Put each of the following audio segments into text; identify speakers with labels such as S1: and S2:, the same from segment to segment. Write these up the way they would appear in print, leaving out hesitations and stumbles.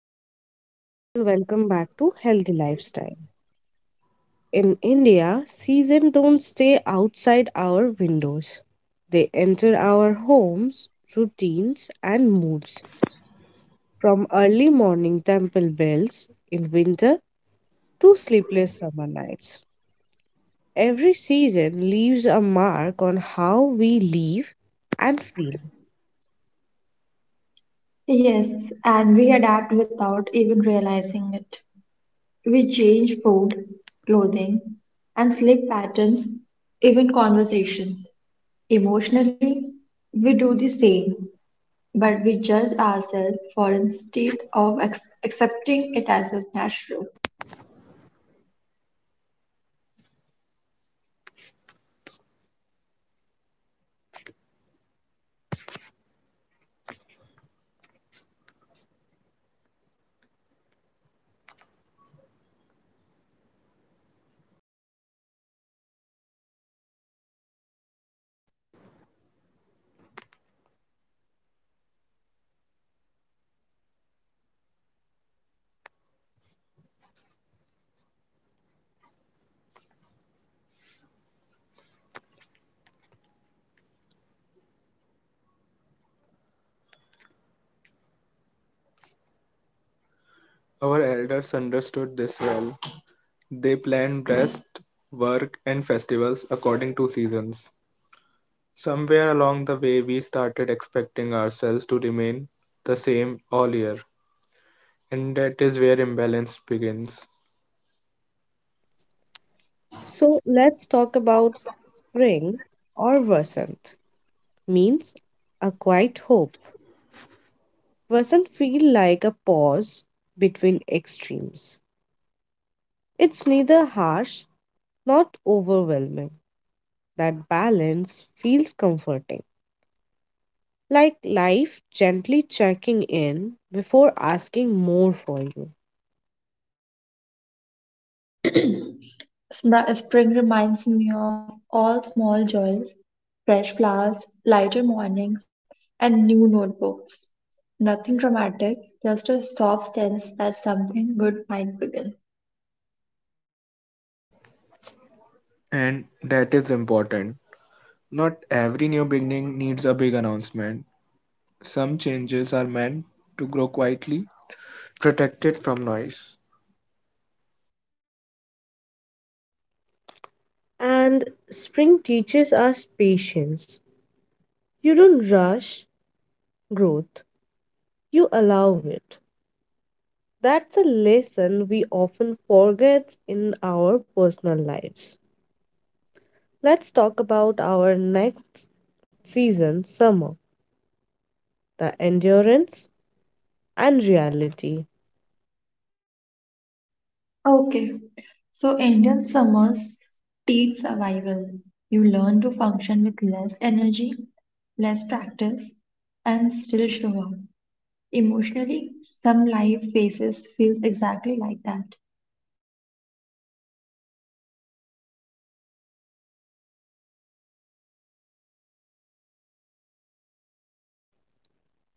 S1: Hello, everyone, and welcome back to Healthy Lifestyle. In India, seasons don't stay outside our windows, they enter our homes, routines, and moods. From early morning temple bells in winter to sleepless summer nights, every season leaves a mark on how we live and feel.
S2: Yes, and we adapt without even realizing it. We change food, clothing, and sleep patterns, even conversations. Emotionally, we do the same, but we judge ourselves for instead of accepting it as is natural.
S3: Our elders understood this well. They planned rest, work, and festivals according to seasons. Somewhere along the way, we started expecting ourselves to remain the same all year, and that is where imbalance begins.
S1: So, let's talk about spring or Vasant, means a quiet hope doesn't feel like a pause between extremes. It's neither harsh nor overwhelming. That balance feels comforting, like life gently checking in before asking more for you.
S2: Spring reminds me of all small joys, fresh flowers, lighter mornings, and new notebooks. Nothing dramatic, just a soft sense that something good might begin.
S3: And that is important. Not every new beginning needs a big announcement. Some changes are meant to grow quietly, protected from noise.
S1: And spring teaches us patience. You don't rush growth, you allow it. That's a lesson we often forget in our personal lives. Let's talk about our next season, summer, the endurance and reality.
S2: Okay, so Indian summers teach survival. You learn to function with less energy, less practice, and still show up. Emotionally, some life phases feels exactly like that.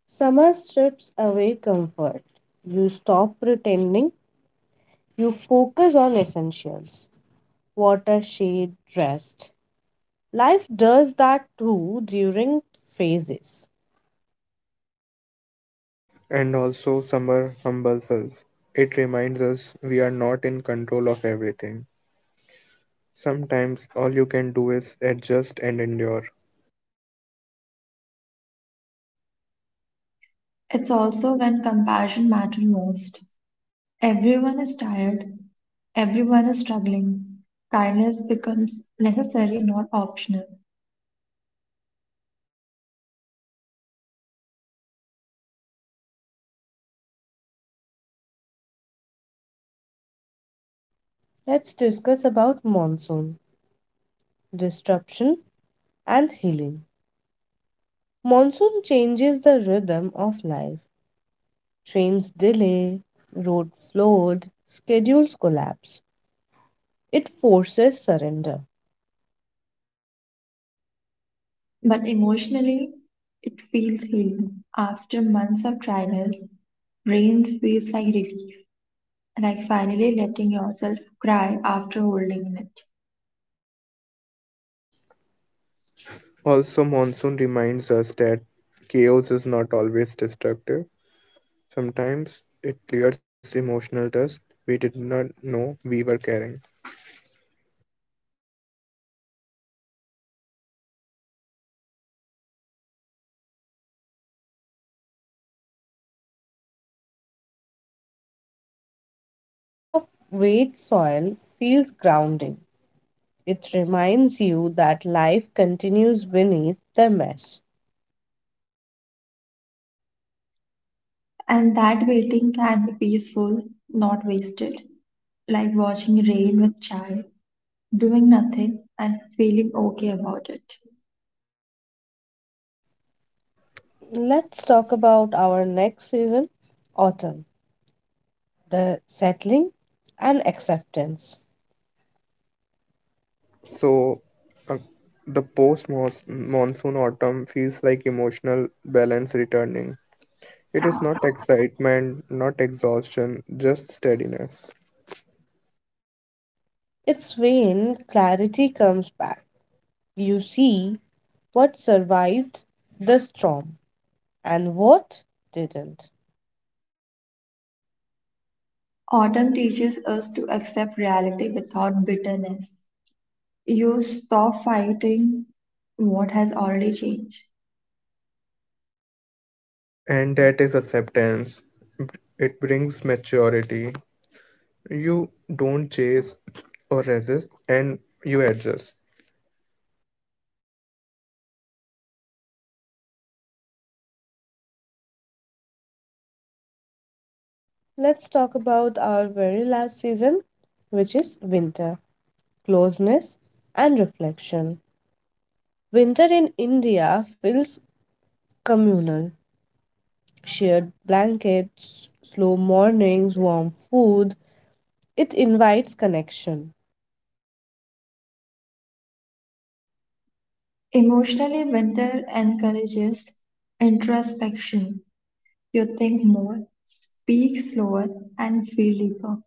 S1: Summer strips away comfort. You stop pretending, you focus on essentials water, shade, rest. Life does that too during phases.
S3: And also, summer humbles us. It reminds us we are not in control of everything. Sometimes all you can do is adjust and endure.
S2: It's also when compassion matters most. Everyone is tired, everyone is struggling. Kindness becomes necessary, not optional.
S1: Let's discuss about monsoon, disruption, and healing. Monsoon changes the rhythm of life. Trains delay, road flood, schedules collapse. It forces surrender.
S2: But emotionally, it feels healing. After months of trials, rain feels like relief, like finally letting yourself cry after holding it.
S3: Also, monsoon reminds us that chaos is not always destructive. Sometimes it clears emotional dust we did not know we were carrying.
S1: Even smell of wet soil feels grounding. It reminds you that life continues beneath the mess.
S2: And that waiting can be peaceful, not wasted, like watching rain with child, doing nothing and feeling okay about it.
S1: Let's talk about our next season, autumn, the settling and acceptance.
S3: So, uh, the post monsoon autumn feels like emotional balance returning. It is not excitement, not exhaustion, just steadiness.
S1: It's when clarity comes back. You see what survived the storm and what didn't.
S2: Autumn teaches us to accept reality without bitterness. You stop fighting what has already changed.
S3: And that is acceptance. It brings maturity. You don't chase or resist, and you adjust.
S1: Let's talk about our very last season, which is winter, closeness, and reflection. Winter in India feels communal. Shared blankets, slow mornings, warm food, it invites connection.
S2: Emotionally, winter encourages introspection. You think more, speak slower, and feel deeper.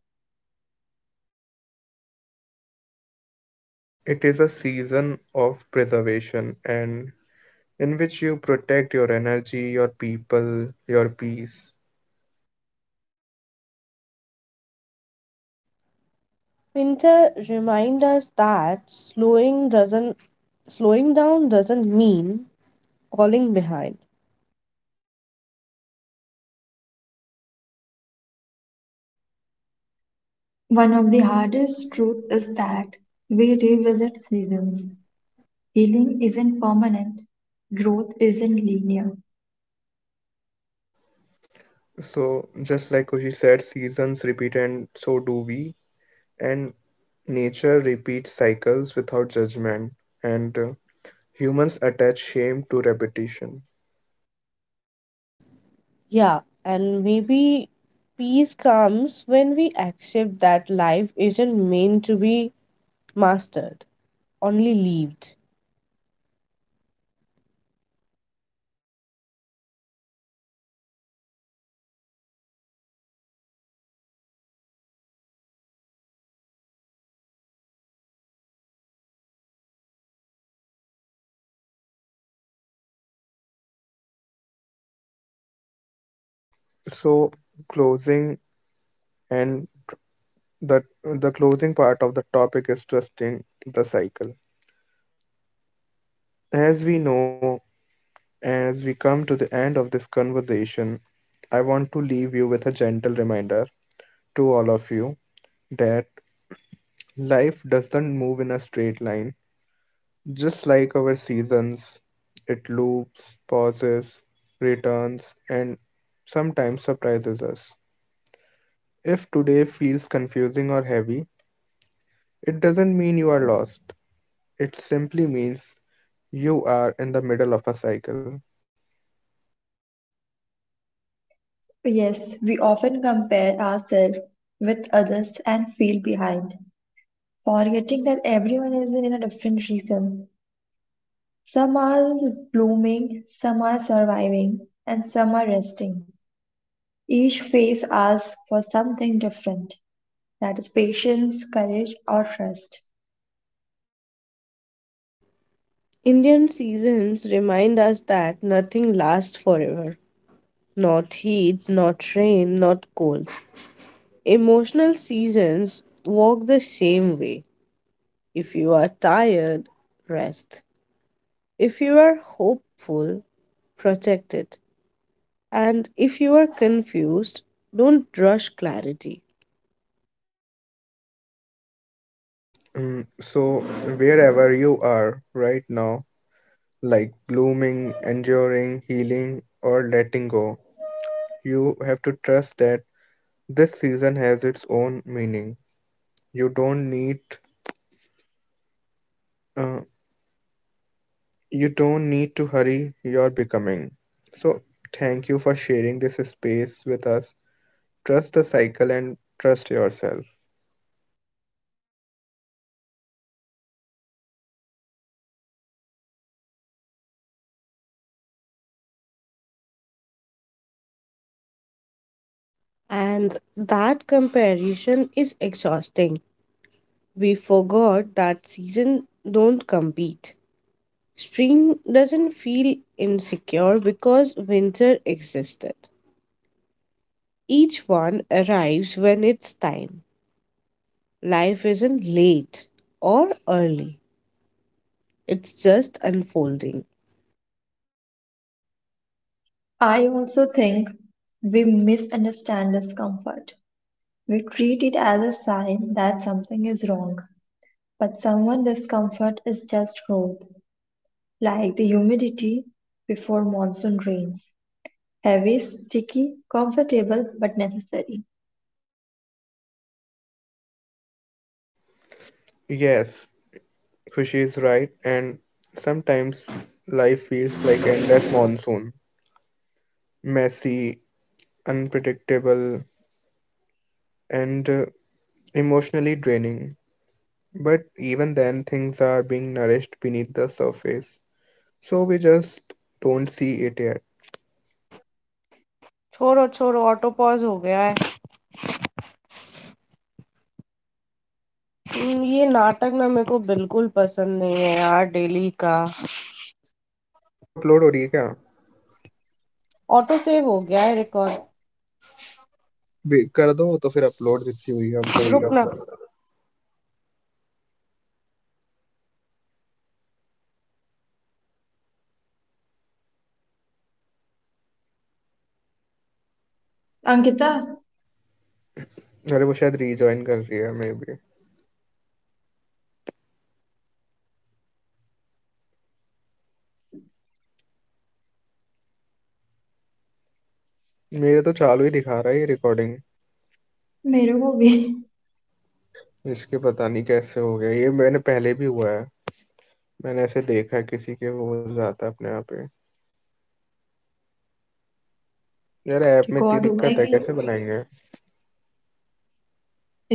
S3: It is a season of preservation, and in which you protect your energy, your people, your peace.
S1: Winter reminds us that slowing down doesn't mean falling behind.
S2: One of the hardest truths is that we revisit seasons. Healing isn't permanent, growth isn't linear.
S3: So, just like Kushi said, seasons repeat, and so do we. And nature repeats cycles without judgment, and humans attach shame to repetition.
S1: Yeah, and maybe peace comes when we accept that life isn't meant to be mastered, only lived.
S3: So, closing and that the closing part of the topic is trusting the cycle. As we know, as we come to the end of this conversation, I want to leave you with a gentle reminder to all of you that life doesn't move in a straight line. Just like our seasons, it loops, pauses, returns, and sometimes surprises us. If today feels confusing or heavy, it doesn't mean you are lost. It simply means you are in the middle of a cycle.
S2: Yes, we often compare ourselves with others and feel behind, forgetting that everyone is in a different season. Some are blooming, some are surviving, and some are resting. Each phase asks for something different, that is, patience, courage, or trust.
S1: Indian seasons remind us that nothing lasts forever. Not heat, not rain, not cold. Emotional seasons walk the same way. If you are tired, rest. If you are hopeful, protect it. And if you are confused, don't rush clarity.
S3: So, wherever you are right now, like blooming, enduring, healing, or letting go, you have to trust that this season has its own meaning. You don't need, uh, you don't need to hurry your becoming. So, thank you for sharing this space with us. Trust the cycle and trust yourself.
S1: And that comparison is exhausting. We forgot that seasons don't compete. Spring doesn't feel insecure because winter existed. Each one arrives when it's time. Life isn't late or early, it's just unfolding.
S2: I also think we misunderstand discomfort. We treat it as a sign that something is wrong. But someone discomfort is just growth, like the humidity before monsoon rains. Heavy, sticky, comfortable but necessary।
S3: Yes, Khushi is right, and sometimes life feels like endless monsoon, messy, unpredictable, and emotionally draining. But even then, things are being nourished beneath the surface, so we just don't see it yet. अपने आप upload हो रही है क्या? कर दो तो फिर अपलोड जितनी हुई है अपन? अरे
S2: अंकिता,
S3: वो शायद रीजॉइन कर रही है, मे बी। मेरे तो चालू ही दिखा रहा है ये रिकॉर्डिंग।
S2: मेरे को भी
S3: इसके पता नहीं कैसे हो गया ये, मैंने पहले भी हुआ है। मैंने ऐसे देखा है किसी के हो जाता है अपने यहाँ पे। यार, ऐप में इतनी
S2: रिकॉर्ड
S3: दिक्कत
S2: हुआ
S3: है,
S2: है
S3: कैसे
S2: कि
S3: बनाएंगे?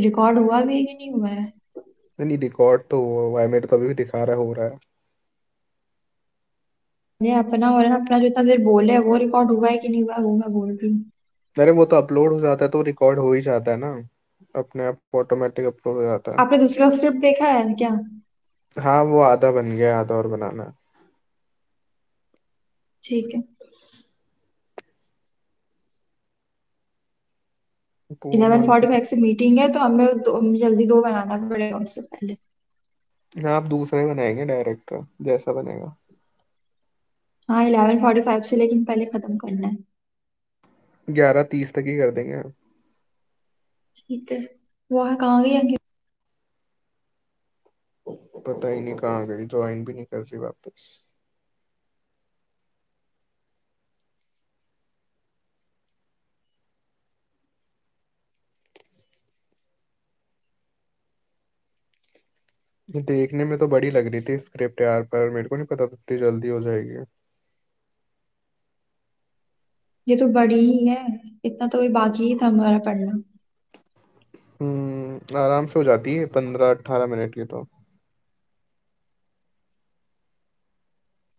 S2: रिकॉर्ड हुआ भी है कि नहीं हुआ है?
S3: नहीं, रिकॉर्ड तो हुआ है, मेरे तो अभी भी दिखा रहा है, हो रहा है।
S2: अरे अपना और अपना जो इतना देर बोले हैं, वो रिकॉर्ड हुआ है कि नहीं हुआ है, वो मैं बोल रही हूँ।
S3: अरे वो तो अपलोड हो जाता है तो रिकॉर्ड हो ही जाता है ना। अपने आप ऑटोमेटिक अपलोड हो जाता है।
S2: आपने दूसरा स्क्रिप्ट देखा है क्या?
S3: हाँ, वो आधा बन गया, आधा और बनाना है।
S2: ठीक है।
S3: वो
S2: इलेवन
S3: मांग के।
S2: फोर्टी फाइव से मीटिंग है तो हमें दो, हमें जल्दी दो बनाना पड़ेगा उससे पहले।
S3: हाँ, आप दूसरा ही बनाएंगे डायरेक्ट, जैसा बनेगा।
S2: हाँ, इलेवन फोर्टी फाइव से, लेकिन पहले खत्म करना है।
S3: ग्यारह तीस तक ही कर देंगे।
S2: ठीक है। वो है कहाँ गई अंकिता?
S3: पता ही नहीं कहाँ गई, ज्वाइन भी नहीं कर रही वापस। ये देखने में तो बड़ी लग रही थी स्क्रिप्ट यार, पर मेरे को नहीं पता था इतनी जल्दी हो जाएगी।
S2: ये तो बड़ी ही है, इतना तो भी बाकी ही था हमारा पढ़ना।
S3: हुँ, आराम से हो जाती है 15-18 मिनट की तो।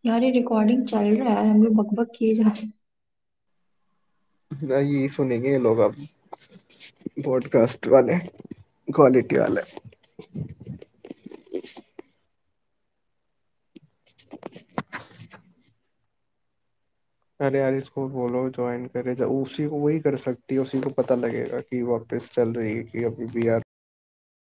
S2: यार, ये रिकॉर्डिंग चल रहा है, हम लोग बकबक किए जा रहे हैं।
S3: ना ये सुनेंगे ये लोग अब, पॉडकास्ट वाले, क्वालिटी वाले। अरे यार, इसको बोलो जॉइन करे। ज उसी को वही कर सकती है, उसी को पता लगेगा कि वापस चल रही है कि अभी भी, यार रुक गई रिकॉर्डिंग।